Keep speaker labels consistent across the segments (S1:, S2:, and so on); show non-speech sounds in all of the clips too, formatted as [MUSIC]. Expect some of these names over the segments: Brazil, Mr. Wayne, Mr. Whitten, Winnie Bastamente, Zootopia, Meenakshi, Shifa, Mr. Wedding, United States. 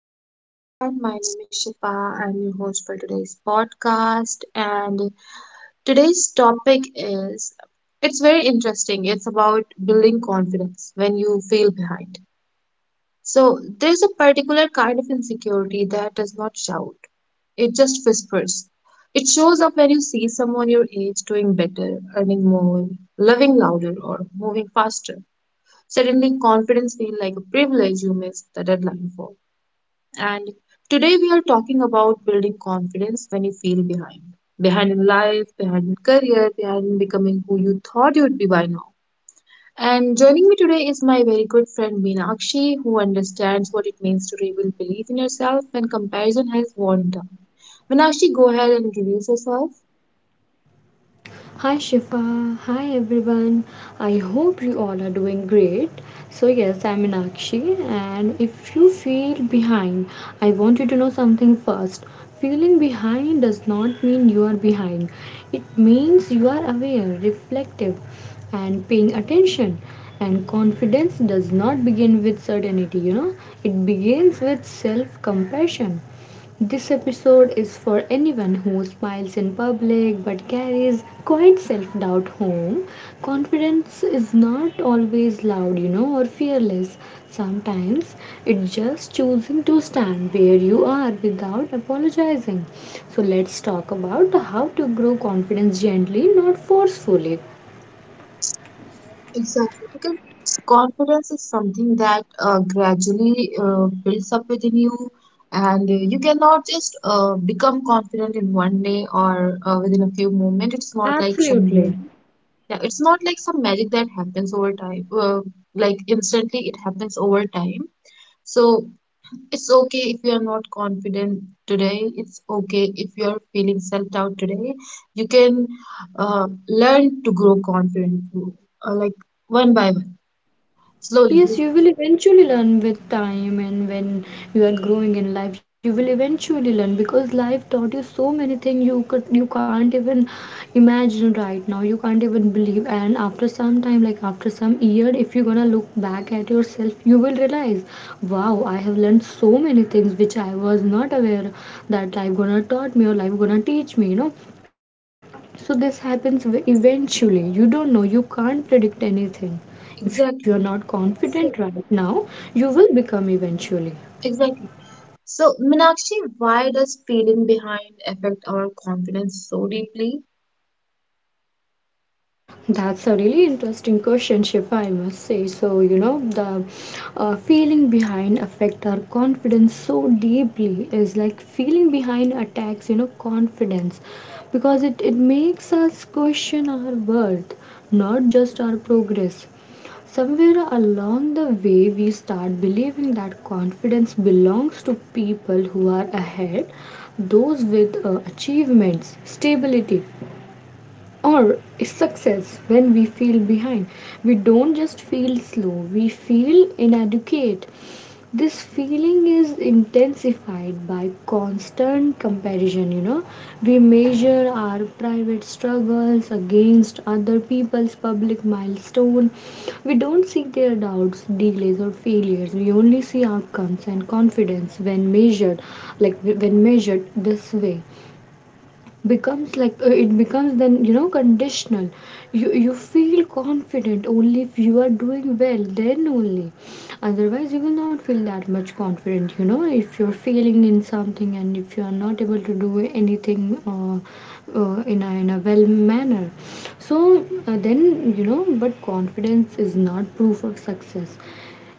S1: Hello, everyone. My name is Shifa. I'm your host for today's podcast. And Today's topic is it's very interesting. It's about building confidence when you feel behind. So, there's a particular kind of insecurity that does not shout, it just whispers. It shows up when you see someone your age doing better, earning more, loving louder, or moving faster. Suddenly, confidence feels like a privilege you missed the deadline for. And Today we are talking about building confidence when you feel behind. Behind in life, behind in career, behind in becoming who you thought you'd be by now. And joining me today is my very good friend Meenakshi, who understands what it means to rebuild belief in yourself when comparison has worn down. Meenakshi, go ahead and introduce yourself.
S2: Hi Shifa, hi everyone. I hope you all are doing great. So, yes, I'm Meenakshi, and if you feel behind, I want you to know something first. Feeling behind does not mean you are behind, it means you are aware, reflective, and paying attention. And confidence does not begin with certainty. It begins with self compassion. This episode is for anyone who smiles in public but carries quite self doubt home. Confidence is not always loud or fearless. Sometimes it's just choosing to stand where you are without apologizing. So, let's talk about how to grow confidence gently, not forcefully.
S1: Exactly, because confidence is something that gradually builds up within you, and you cannot just become confident in one day or within a few moments. It's not like some
S2: Absolutely.
S1: yeah, it's not like some magic that happens over time. Like instantly, it happens over time. So it's okay if you are not confident today. It's okay if you are feeling self-doubt today. You can learn to grow confident, like one by one. Slowly,
S2: Yes,
S1: dude.
S2: you will eventually learn with time, and when you are growing in life, you will eventually learn because life taught you so many things you can't even imagine right now. You can't even believe, and after some time, like after some year, if you're gonna look back at yourself, you will realize, wow, I have learned so many things which I was not aware that life gonna taught me or life gonna teach me. So this happens eventually. You don't know, you can't predict anything. If you're
S1: Exactly.
S2: not confident right
S1: So-
S2: now, you will become eventually.
S1: Exactly. So, Meenakshi, why does feeling behind affect our confidence so deeply?
S2: That's a really interesting question, Shifa, I must say. So, the feeling behind affect our confidence so deeply is like feeling behind attacks confidence because it makes us question our worth, not just our progress. Somewhere along the way, we start believing that confidence belongs to people who are ahead, those with achievements, stability, or success. When we feel behind, we don't just feel slow, we feel inadequate. This feeling is intensified by constant comparison. We measure our private struggles against other people's public milestone. We don't see their doubts, delays, or failures. We only see outcomes, and confidence when measured, like when measured this way, becomes like it becomes, then, conditional. You feel confident only if you are doing well, then only. Otherwise you will not feel that much confident, if you're failing in something, and if you are not able to do anything in a well manner. So then, but confidence is not proof of success.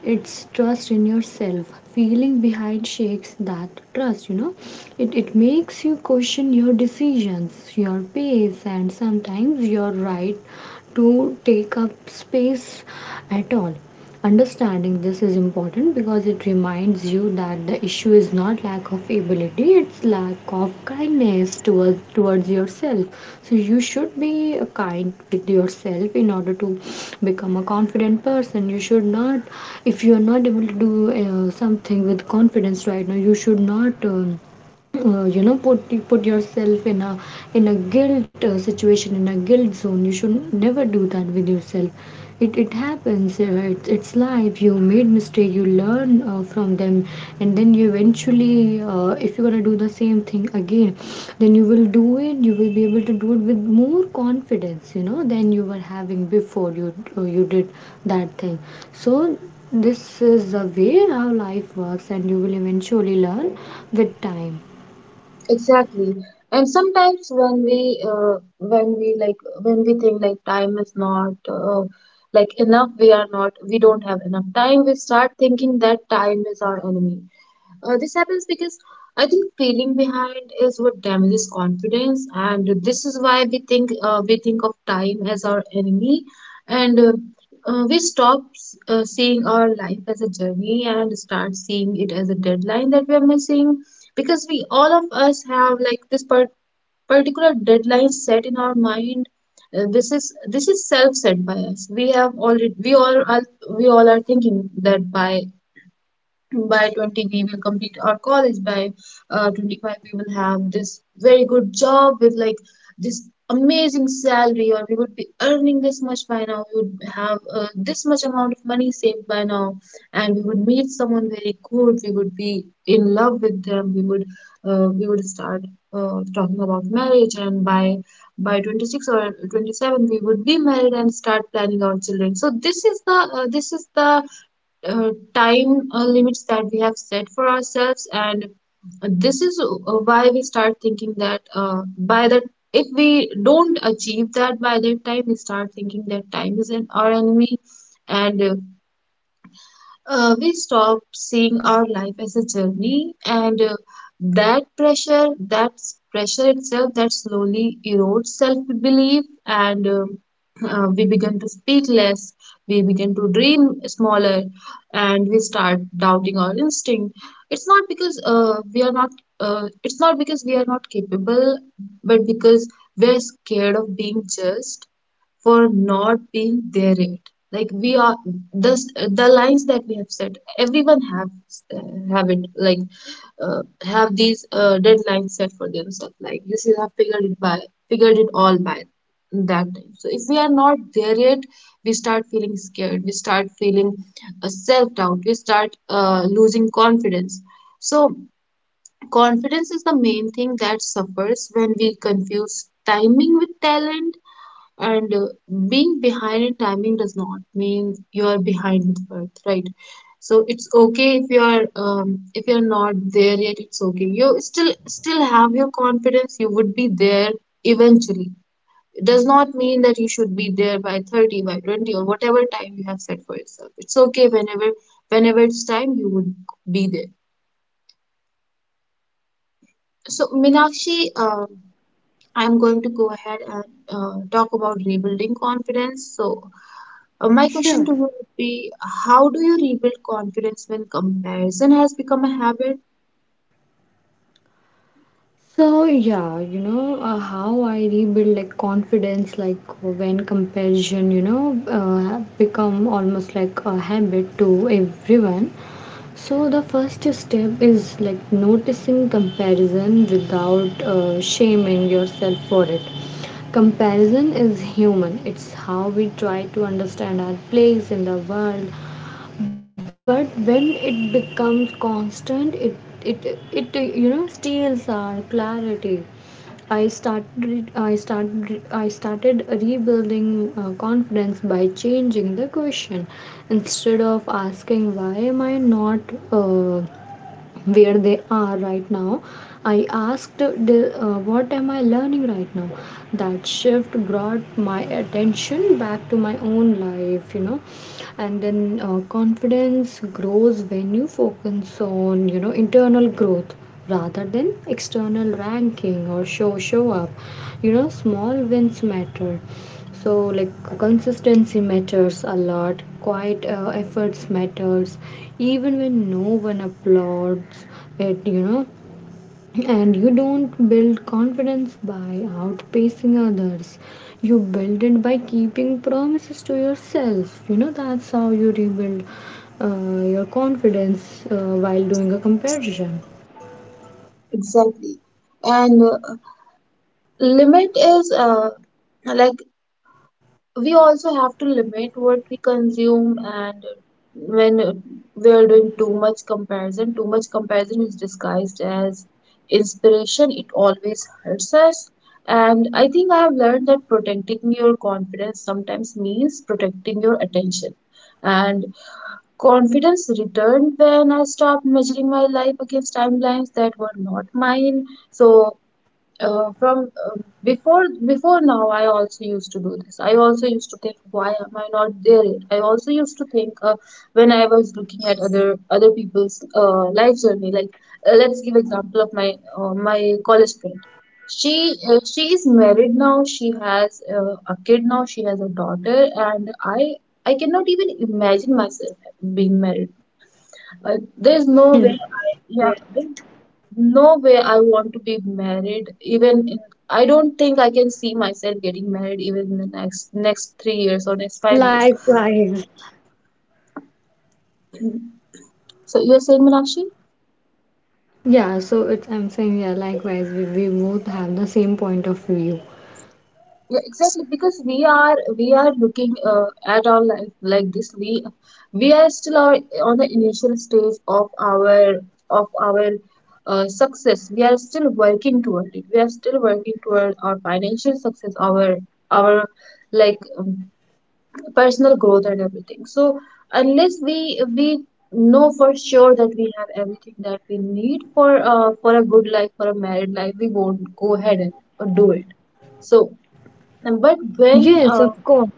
S2: It's trust in yourself. Feeling behind shakes that trust. It makes you question your decisions, your pace, and sometimes your right to take up space at all. Understanding this is important because it reminds you that the issue is not lack of ability, it's lack of kindness towards yourself. So you should be kind with yourself in order to become a confident person. You should not, if you are not able to do something with confidence right now, you should not. Uh, you know put put yourself in a guilt situation, in a guilt zone. You should never do that with yourself. It happens. It's life. You made mistake, you learn from them, and then you eventually, if you're gonna do the same thing again, then you will do it. You will be able to do it with more confidence, you know, than you were having before you did that thing. So this is the way how life works, and you will eventually learn with time.
S1: Exactly. And sometimes when when when we think like time is not like enough, we are not, we don't have enough time, we start thinking that time is our enemy. This happens because I think feeling behind is what damages confidence, and this is why we think of time as our enemy, and we stop seeing our life as a journey and start seeing it as a deadline that we are missing. Because we all of us have like this particular deadline set in our mind. This is self set by us. We have already We all are thinking that by 20 we will complete our college by 25 we will have this very good job with like this amazing salary, or we would be earning this much by now, we would have this much amount of money saved by now, and we would meet someone very good, we would be in love with them, we would start talking about marriage, and by 26 or 27 we would be married and start planning our children. So this is the time limits that we have set for ourselves. And this is why we start thinking that by the if we don't achieve that by that time, we start thinking that time is our enemy, and we stop seeing our life as a journey, and that pressure itself, that slowly erodes self-belief. And We begin to speak less, we begin to dream smaller, and we start doubting our instinct. it's not because uh, we are not it's not because we are not capable, but because we're scared of being judged for not being there yet. Like we are the lines that we have set. Everyone have it like uh, have these deadlines set for themselves. Like you should have figured it all by that time. So if we are not there yet, we start feeling scared. We start feeling self doubt. We start losing confidence. So confidence is the main thing that suffers when we confuse timing with talent. And Being behind in timing does not mean you are behind in birth, right? So it's okay if you are if you're not there yet. It's okay. You still have your confidence. You would be there eventually. It does not mean that you should be there by 30, by 20, or whatever time you have set for yourself. It's okay whenever it's time you would be there. So Minakshi, I'm going to go ahead and talk about rebuilding confidence. So, my
S2: Sure.
S1: question to you would be: how do you rebuild confidence when comparison has become a habit?
S2: So yeah, how I rebuild like confidence, like when comparison become almost like a habit to everyone. So the first step is like noticing comparison without shaming yourself for it. Comparison is human. It's how we try to understand our place in the world, but when it becomes constant, it steals our clarity. I started rebuilding confidence by changing the question. Instead of asking, why am I not where they are right now, I asked, what am I learning right now? That shift brought my attention back to my own life. And then confidence grows when you focus on internal growth, rather than external ranking, or show up. Small wins matter. So, like, consistency matters a lot. Quiet efforts matters, even when no one applauds it. And you don't build confidence by outpacing others. You build it by keeping promises to yourself. That's how you rebuild your confidence while doing a comparison.
S1: Exactly. And limit is like We also have to limit what we consume. And when we are doing too much comparison, is disguised as inspiration, it always hurts us. And I think I have learned that protecting your confidence sometimes means protecting your attention. And confidence returned when I stopped measuring my life against timelines that were not mine. So from before Before, now I also used to do this. I also used to think, why am I not there yet? I also used to think, when I was looking at other people's life journey, like let's give example of my college friend. she she is married now, she has a kid now, she has a daughter. And I cannot even imagine myself being married. uh, there's no
S2: Yeah.
S1: way. I Yeah, no way I want to be married. I don't think I can see myself getting married even in the next three years or next five years.
S2: Likewise.
S1: Mm. So you are saying, Meenakshi?
S2: Yeah, so it's I'm saying, yeah, likewise, we both have the same point of view.
S1: Yeah, exactly. Because we are looking at our life like this. We are still on the initial stage of our success. We are still working toward it. We are still working toward our financial success. Our like personal growth and everything. So unless we know for sure that we have everything that we need for a good life, for a married life, we won't go ahead and do it. So and but when
S2: Yes,
S1: uh,
S2: of course.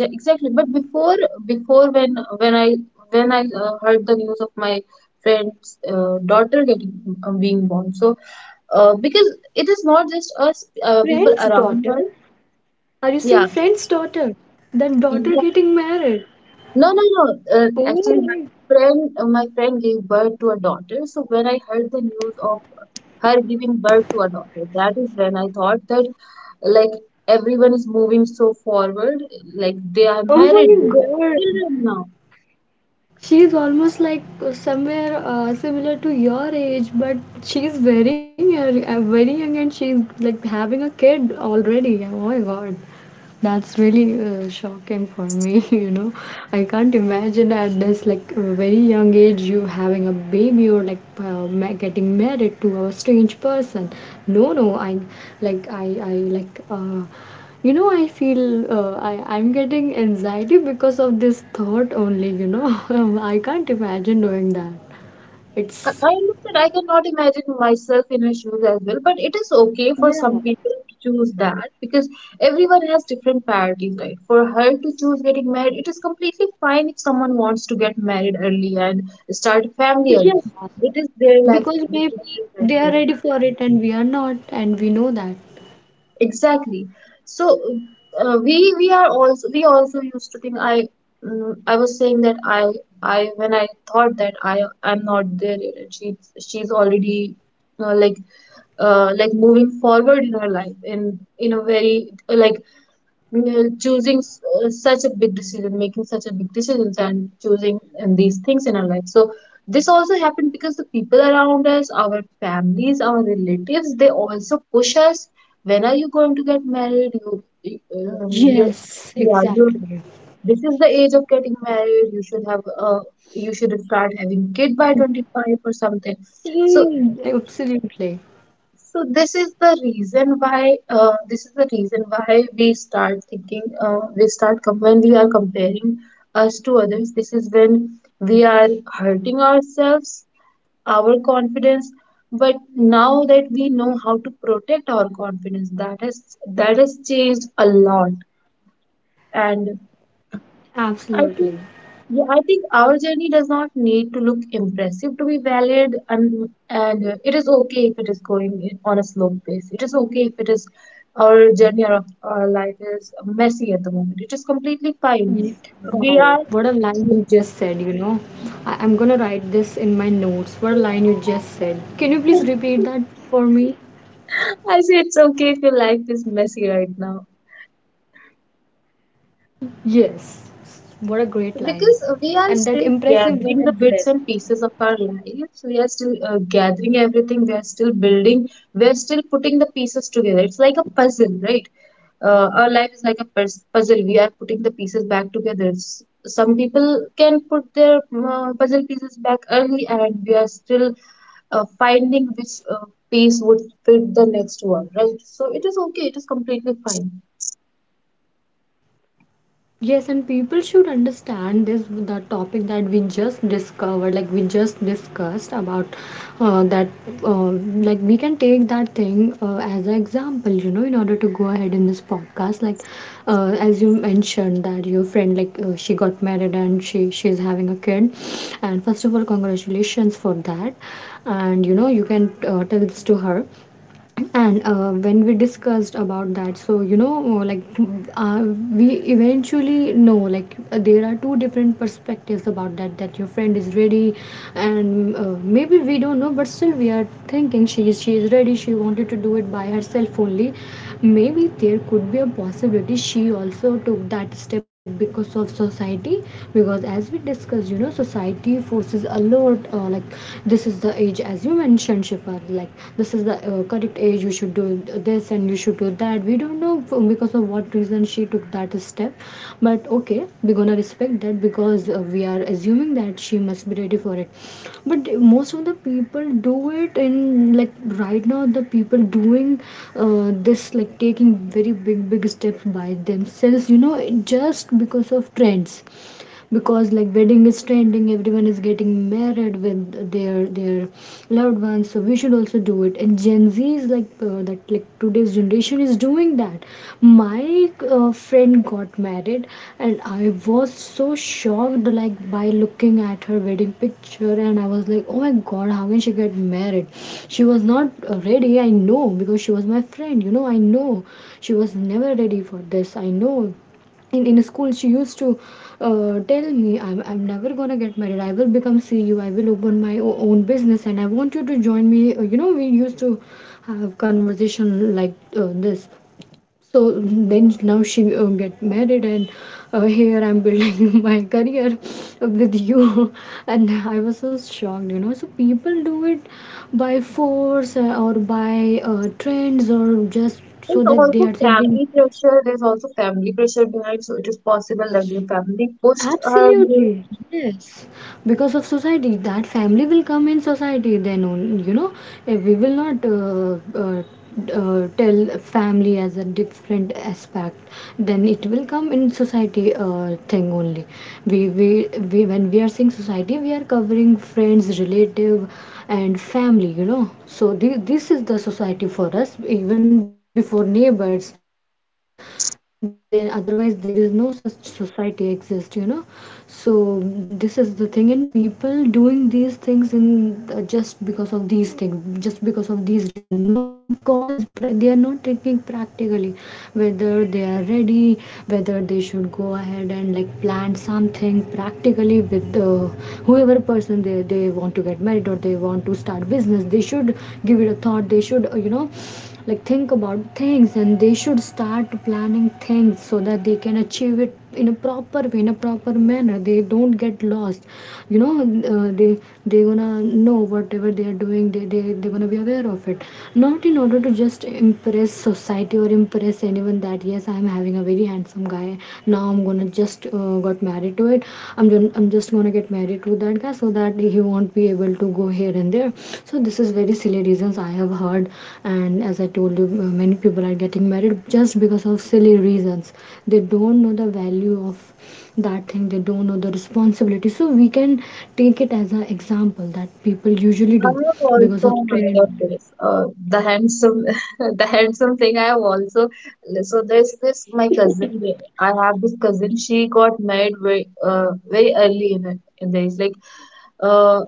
S1: yeah, exactly. But before when when i when I heard the news of my friend's daughter getting being born, so because it is not just us, people
S2: Friend's
S1: around us.
S2: daughter? Are you saying
S1: Yeah.
S2: friend's daughter? That daughter getting married.
S1: No, no, no. Actually,
S2: Oh
S1: my
S2: my,
S1: my friend gave birth to a daughter. So when I heard the news of her giving birth to a daughter, that is when I thought that like everyone is moving so forward, like they are
S2: oh
S1: married,
S2: my
S1: they have
S2: God.
S1: children now.
S2: She's almost like somewhere similar to your age, but she's very young, and she's like having a kid already. Oh my God, that's really shocking for me. [LAUGHS] I can't imagine at this, like, a very young age you having a baby, or like getting married to a strange person. No, no, like I I like you know I feel, I'm getting anxiety because of this thought only. [LAUGHS] I can't imagine doing that it's
S1: I know I cannot imagine myself in her shoes as well, but it is okay for
S2: Yeah,
S1: some people to choose that because everyone has different priorities, right? For her to choose getting married, it is completely fine if someone wants to get married early and start a family early.
S2: yeah,
S1: It is their life,
S2: because maybe
S1: definitive life.
S2: they are
S1: Their life.
S2: ready for it, and we are not, and we know that.
S1: Exactly. So we also used to think. I was saying that I when I thought that I am not there yet, and she's already uh, like moving forward in her life in a very like such a big decision making such a big decisions and choosing and these things in our life. So this also happened because the people around us, our families, our relatives, they also push us. When are you going to get married? You, you
S2: Yes,
S1: yeah you
S2: exactly.
S1: This is the age of getting married, you should have you should start having kid by 25 or something. so
S2: Mm, absolutely.
S1: so this is the reason why we start thinking, when we are comparing us to others, this is when we are hurting ourselves, our confidence. But now that we know how to protect our confidence, that has changed a lot. And I think,
S2: Absolutely.
S1: yeah, I think our journey does not need to look impressive to be valid, and it is okay if it is on a slow pace. It is okay if it is our journey of our life is messy at the moment. It is completely fine.
S2: Ye-
S1: We are.
S2: wow, what a line you just said. I'm gonna write this in my notes. What a line you just said. Can you please repeat
S1: [LAUGHS]
S2: that for me?
S1: I say it's okay if your life is messy right now.
S2: Yes, what a great line. And
S1: Because
S2: that
S1: we are
S2: impressive one
S1: still
S2: as well.
S1: gathering the bits and pieces of our lives, we are still gathering everything, we are still building, we are still putting the pieces together. It's like a puzzle, right? Our life is like a puzzle. We are putting the pieces back together. Some people can put their puzzle pieces back early, and we are still finding which piece would fit the next one, right? So it is okay, it is completely fine.
S2: Yes, and people should understand this, the topic that like we just discussed about, that, uh, like we can take that thing as an example, in order to go ahead in this podcast. Like, as you mentioned that your friend, like she got married and she's having a kid, and first of all, congratulations for that, and you can tell this to her. And when we discussed about that, so like uh, we eventually know, like there are two different perspectives about that, that your friend is ready, and maybe we don't know, but still we are thinking she is ready, she wanted to do by herself only. Maybe there could be a possibility she also took that step because of society, because as we discussed, society forces a lot, like, this is the age, as you mentioned, Shifa, like this is the correct age. You should do this and you should do that. We don't know because of what reason she took that step, but okay, we're gonna respect that because we are assuming that she must be ready for it. But most of the people do it, and, like, right now, the people doing this, like taking very big steps by themselves, just because of trends. Because, like, wedding is trending, everyone is getting married with their loved ones, so we should also do it. And Gen Z is like, that, like, today's generation is doing that. My friend got married, and I was so shocked, like, by looking at her wedding picture, and I was like, oh my God, how can she get married? She was not ready, I know, because she was my friend. I know she was never ready for this. I know in school she used to tell me, I'm never gonna get married, I will become CEO, I will open my own business, and I want you to join me. We used to have conversation like this. So then now she get married, and here I'm building [LAUGHS] my career with you [LAUGHS] and I was so shocked. So people do it by force, or by trends, or just
S1: There's
S2: so that they
S1: also
S2: are thinking.
S1: family pressure. There's also family pressure behind, so it is possible that the family pushed her.
S2: Absolutely, yes. Because of society, that family will come in society. Then only, if we will not tell family as a different aspect, then it will come in society thing only. We when we are saying society, we are covering friends, relative, and family. So this is the society for us. Even before neighbors, then otherwise there is no such society exist. So this is the thing, and people doing these things in just because of these things, just because of these reasons, not because they are not thinking practically whether they are ready, whether they should go ahead and like plan something practically with whoever person they want to get married or they want to start business. They should give it a thought. They should think about things, and they should start planning things so that they can achieve it in a proper way, in a proper manner, they don't get lost you know uh, they they gonna know whatever they are doing, they gonna be aware of it, not in order to just impress society or impress anyone that yes, I am having a very handsome guy. Now I'm gonna just got married, married to it. I'm just gonna get married to that guy so that he won't be able to go here and there. So this is very silly reasons I have heard. And as I told you, many people are getting married just because of silly reasons. They don't know the value of that thing, they don't know the responsibility. So we can take it as an example that people usually
S1: I
S2: do
S1: have
S2: because of
S1: also heard of
S2: trend.
S1: this. The handsome, [LAUGHS] the handsome thing. I have also, so there's this my cousin. I have this cousin. She got married very, very early in in the age. Like, uh,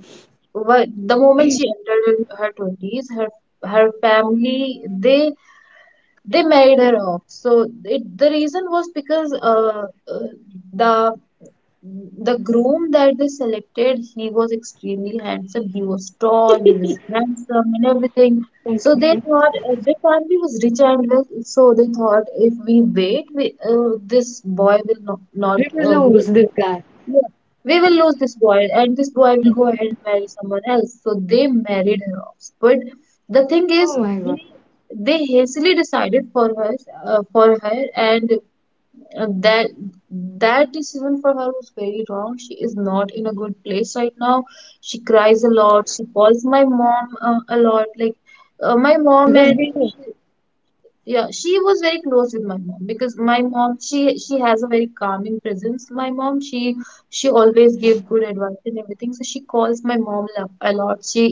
S1: what The moment she entered in her twenties, her family they married her off. So the reason was because uh, the the groom that they selected, he was extremely handsome. He was tall, he was handsome, and everything. So they
S2: Okay.
S1: thought, the family was rich and well, so they thought, if we wait, this boy will not not
S2: We
S1: uh,
S2: will lose
S1: wait.
S2: this guy.
S1: Yeah. We will lose this boy, and this boy will go ahead and marry someone else. So they married her off. But the thing
S2: Oh
S1: is,
S2: my
S1: they
S2: god.
S1: they hastily decided for her, and uh, that that decision for her was very wrong. She is not in a good place right now. She cries a lot. She calls my mom a lot. Like my mom and
S2: Because we know.
S1: she, yeah, she was very close with my mom because my mom she has a very calming presence. My mom she always give good advice and everything. So she calls my mom a lot. She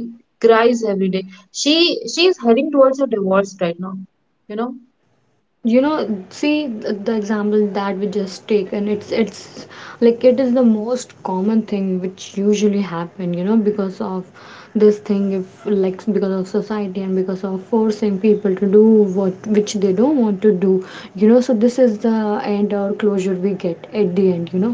S1: cries every day. She she is heading towards a divorce right now. You know.
S2: You know, see, the example that we just taken, it's it's it is the most common thing which usually happen, because of this thing, if like, because of society and because of forcing people to do what which they don't want to do, you know. So this is the end or closure we get at the end, you know.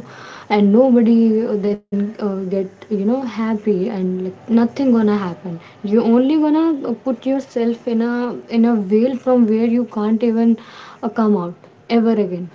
S2: And nobody then get, you know, happy, and like nothing gonna happen. You only gonna put yourself in a veil from where you can't even come out ever again.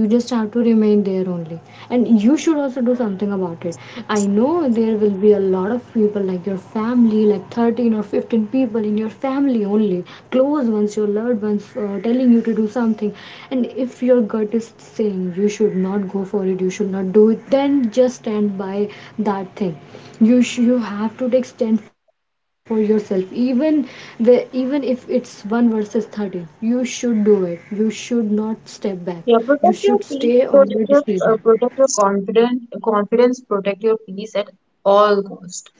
S2: You just have to remain there only. And you should also do something about it. I know there will be a lot of people, like your family, like 13 or 15 people in your family only, close ones, your loved ones, telling you to do something. And if your gut is saying you should not go for it, you should not do it, then just stand by that thing. You have to take stand for yourself. Even the even if it's 1 versus 13, you should do it, you should not step back. You
S1: Yeah,
S2: should
S1: protect your
S2: stay
S1: peace,
S2: on your
S1: protect your
S2: decision.
S1: confidence, protect your peace at all cost.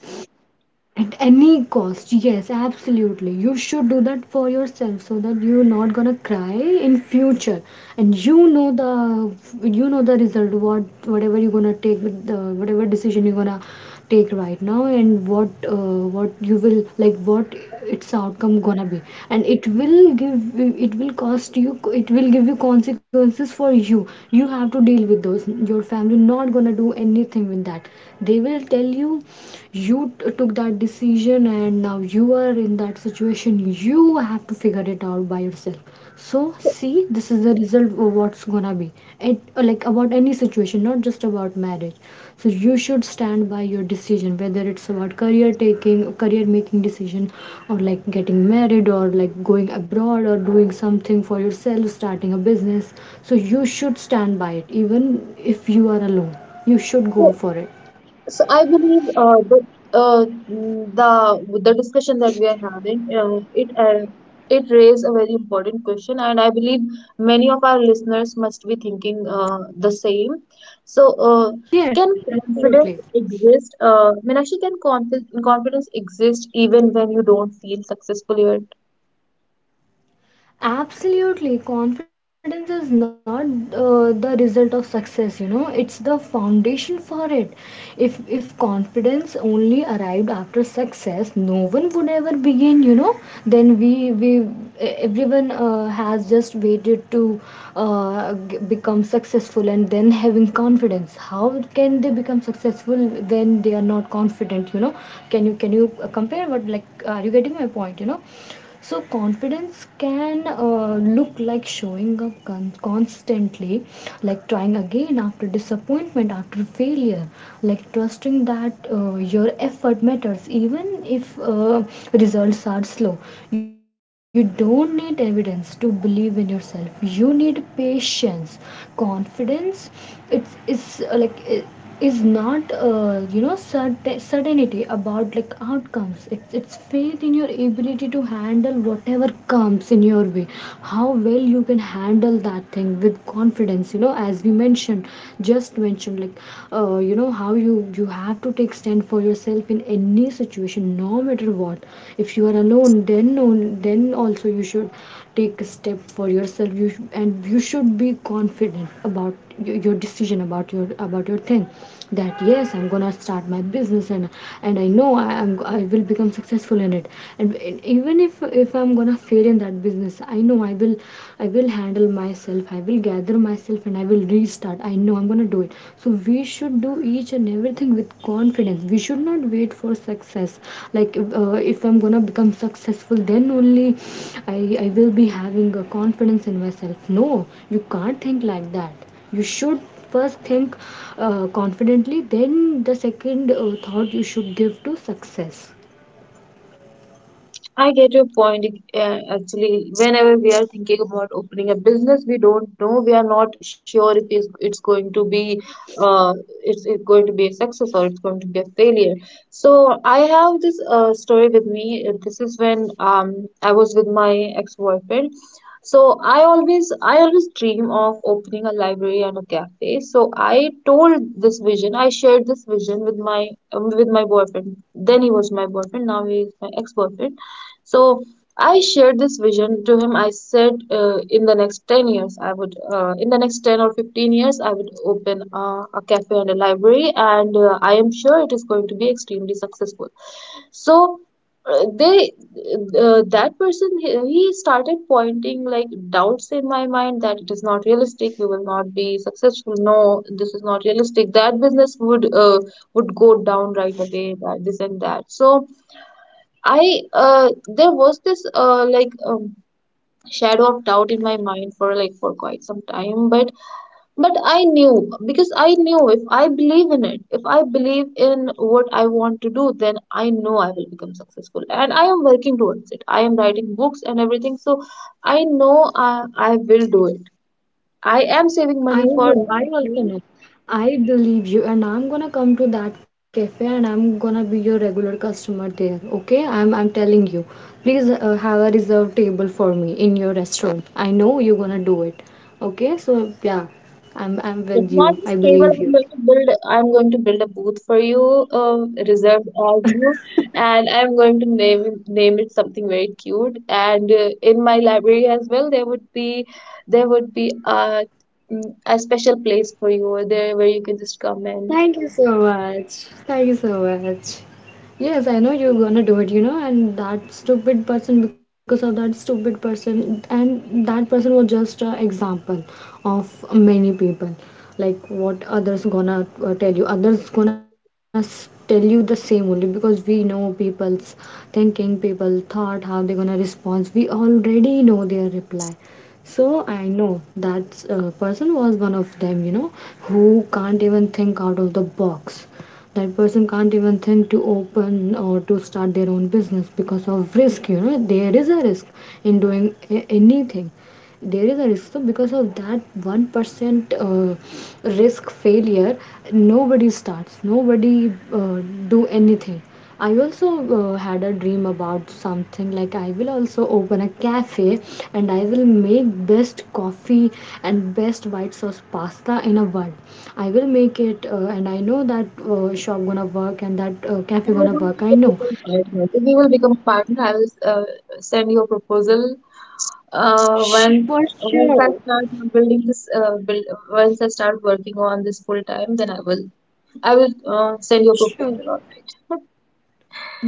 S2: At any cost, yes, absolutely. You should do that for yourself so that you're not gonna cry in future, and you know the, you know the result. Whatever you're gonna take, the whatever decision you're gonna take right now, and what you will like, what its outcome gonna be, and it will give, it will cost you. It will give you consequences for you. You have to deal with those. Your family not gonna do anything with that. They will tell you, took that decision, and now you are in that situation, you have to figure it out by yourself. So see, this is the result of what's gonna be it, like, about any situation, not just about marriage. So you should stand by your decision, whether it's about career, taking career making decision, or like getting married, or like going abroad, or doing something for yourself, starting a business. So you should stand by it, even if you are alone, you should go for it.
S1: So I believe, the mm, the discussion that we are having, it raised a very important question, and I believe many of our listeners must be thinking the same. So, can
S2: Yes,
S1: confidence
S2: absolutely.
S1: exist? Meenakshi, can confidence exist even when you don't feel successful yet?
S2: Absolutely. Confidence is not the result of success, you know, it's the foundation for it. If confidence only arrived after success, no one would ever begin, you know, then everyone has just waited to become successful and then having confidence. How can they become successful when they are not confident, you know? Can you compare, what like, are you getting my point, you know? So, confidence can look like showing up constantly, like trying again after disappointment, after failure, like trusting that your effort matters, even if results are slow. You don't need evidence to believe in yourself, you need patience. Confidence, it's like. It, is not you know, certainty about like outcomes, it's faith in your ability to handle whatever comes in your way. How well you can handle that thing with confidence, you know, as we mentioned, just mentioned, like, you know, how you, you have to take stand for yourself in any situation, no matter what. If you are alone, then also you should take a step for yourself. And you should be confident about your decision, about your, about your thing. That yes, I'm gonna start my business, and I know I am, I will become successful in it. And even if I'm gonna fail in that business, I know I will, I will handle myself, I will gather myself, and I will restart. I know I'm gonna to do it. So we should do each and everything with confidence. We should not wait for success. Like, if I'm gonna become successful, then only I I will be having a confidence in myself. No, you can't think like that. You should first think confidently. Then the second thought you should give to success.
S1: I get your point. Actually, whenever we are thinking about opening a business, we don't know. We are not sure if it's going to be, uh, it's going to be a success or it's going to be a failure. So I have this story with me. This is when um I was with my ex-boyfriend. So I always dream of opening a library and a cafe. So I told this vision. I shared this vision with my boyfriend. Then he was my boyfriend. Now he is my ex-boyfriend. So I shared this vision to him. I said, in the next 10 years, I would, in the next 10 or 15 years, I would open a cafe and a library, and I am sure it is going to be extremely successful. So uh, they, that person, he started pointing like doubts in my mind that it is not realistic, you will not be successful. No, this is not realistic. That business would go down right away, that this and that. So I there was this like shadow of doubt in my mind for for quite some time, but I knew, because I knew if I believe in it, if I believe in what I want to do, then I know I will become successful, and I am working towards it. I am writing books and everything, so I know I will do it. I am saving
S2: I
S1: money for
S2: know, I
S1: that.
S2: also know. I believe you, and I'm gonna come to that cafe, and I'm gonna be your regular customer there, okay? I'm telling you. Please have a reserved table for me in your restaurant. I know you're gonna do it. Okay? So yeah, I'm
S1: It's
S2: with
S1: not
S2: you.
S1: just
S2: I
S1: table.
S2: believe you.
S1: I'm going to build a booth for you, reserved as you, and I'm going to name it something very cute. And in my library as well, there would be a a special place for you over there where you can just come and
S2: Thank you so much. Thank you so much. Yes, I know you're gonna do it, you know, and that stupid person, because of that stupid person, and that person was just an example of many people. Like what others gonna tell you, tell you the same only, because we know people's thinking, people thought, how they gonna respond. We already know their reply, so I know that person was one of them, you know, who can't even think out of the box. That person can't even think to open or to start their own business because of risk, you know, there is a risk in doing anything, there is a risk. So because of that 1% risk, failure, nobody starts, nobody do anything. I also had a dream about something, like, I will also open a cafe, and I will make best coffee and best white sauce pasta in a world. I will make it, and I know that shop gonna work, and that
S1: we
S2: cafe gonna
S1: will
S2: work, I know.
S1: become partner. If we will become a partner, I will send you a proposal. Uh, once
S2: For
S1: once I
S2: sure.
S1: start building this, build once I start working on this full time, then I will. I will send you a proposal on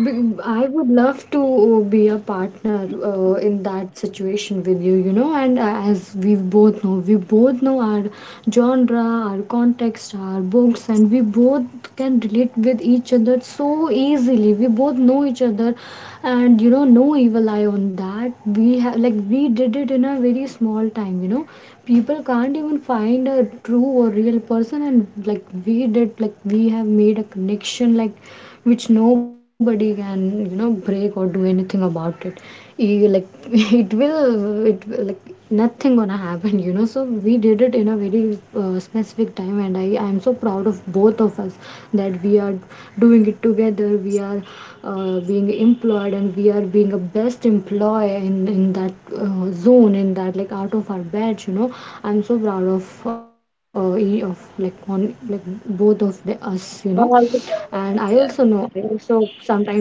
S2: I would love to be a partner in that situation with you, you know. And as we both know our genre, our context, our books, and we both can relate with each other so easily. We both know each other, and you know, no evil eye on that. We have, like we did it in a very small time, you know. People can't even find a true or real person, and like we did, like we have made a connection, like which nobody can, you know, break or do anything about it. You, like [LAUGHS] it will, nothing gonna happen, you know. So we did it in a very specific time, and I'm so proud of both of us, that we are doing it together, we are being employed, and we are being a best employee in that zone, in that, like, out of our batch, you know. I'm so proud of, e- of like on like both of the us, you know.
S1: that. I'll also
S2: And I also
S1: follow up.
S2: know,
S1: Yeah,
S2: I also sometimes, like, you know,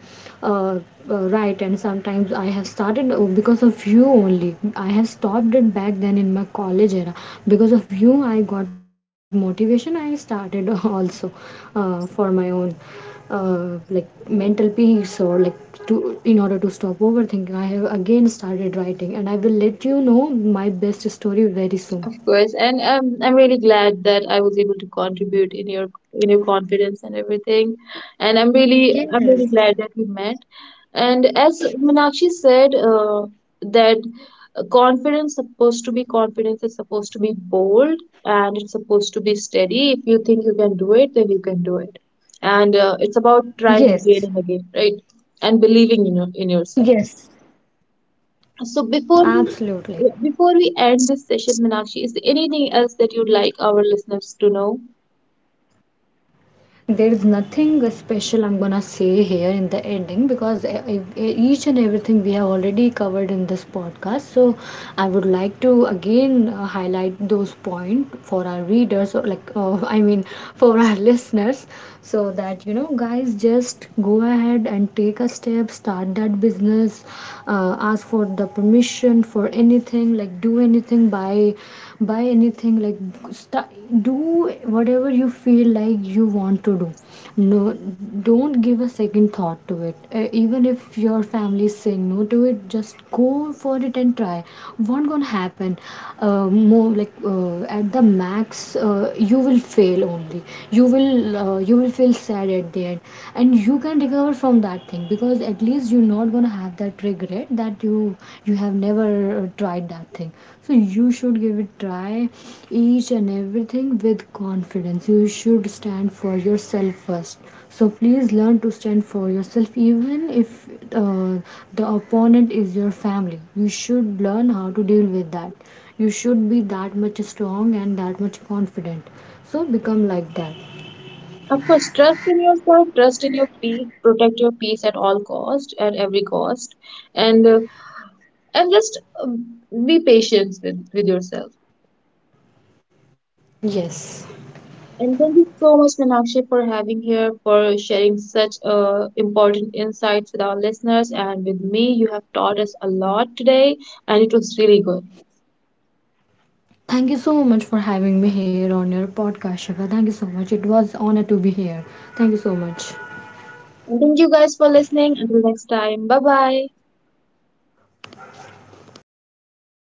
S2: uh, write, and sometimes I have started, because of you only, I have stopped it back then in my college era. Because of you, I got motivation, I started [LAUGHS] also for my own mental peace, or like, to, in order to stop overthinking, I have again started writing, and I will let you know my best story very soon.
S1: of course. And I'm really glad that I was able to contribute in your confidence and everything. And
S2: Yes,
S1: I'm really glad that we met. And as Meenakshi said, that confidence supposed to be confidence is supposed to be bold and it's supposed to be steady. If you think you can do it, then you can do it. And it's about trying
S2: yes,
S1: again and again, right? And believing in in yourself.
S2: yes.
S1: So before we
S2: Absolutely.
S1: Yeah, before we end this session, Minakshi, is there anything else that you'd like our listeners to know?
S2: There is nothing special I'm gonna say here in the ending because each and everything we have already covered in this podcast. So I would like to again highlight those points for our readers, or like, [LAUGHS] I mean, for our [LAUGHS] listeners, so that, you know, guys, just go ahead and take a step, start that business, ask for the permission for anything, like do anything, buy anything, like start, do whatever you feel like you want to do. No, don't give a second thought to it. Even if your family is saying no to it, just go for it and try. What gonna happen? More like, at the max, you will fail only, you will, you will feel sad at the end, and you can recover from that thing, because at least you're not gonna have that regret that you have never tried that thing. So you should give it try. Each and everything with confidence, you should stand for yourself first. So please learn to stand for yourself, even if uh, the opponent is your family. You should learn how to deal with that. You should be that much strong and that much confident. So become like that.
S1: Of course, trust in yourself, trust in your peace, protect your peace at all cost, at every cost, and uh, and just be patient with yourself.
S2: Yes.
S1: And thank you so much, Minakshi, for having here, for sharing such important insights with our listeners and with me. You have taught us a lot today, and it was really good.
S2: Thank you so much for having me here on your podcast, Shiva. Thank you so much. It was honor to be here. Thank you so much.
S1: And thank you guys for listening. Until next time, bye bye.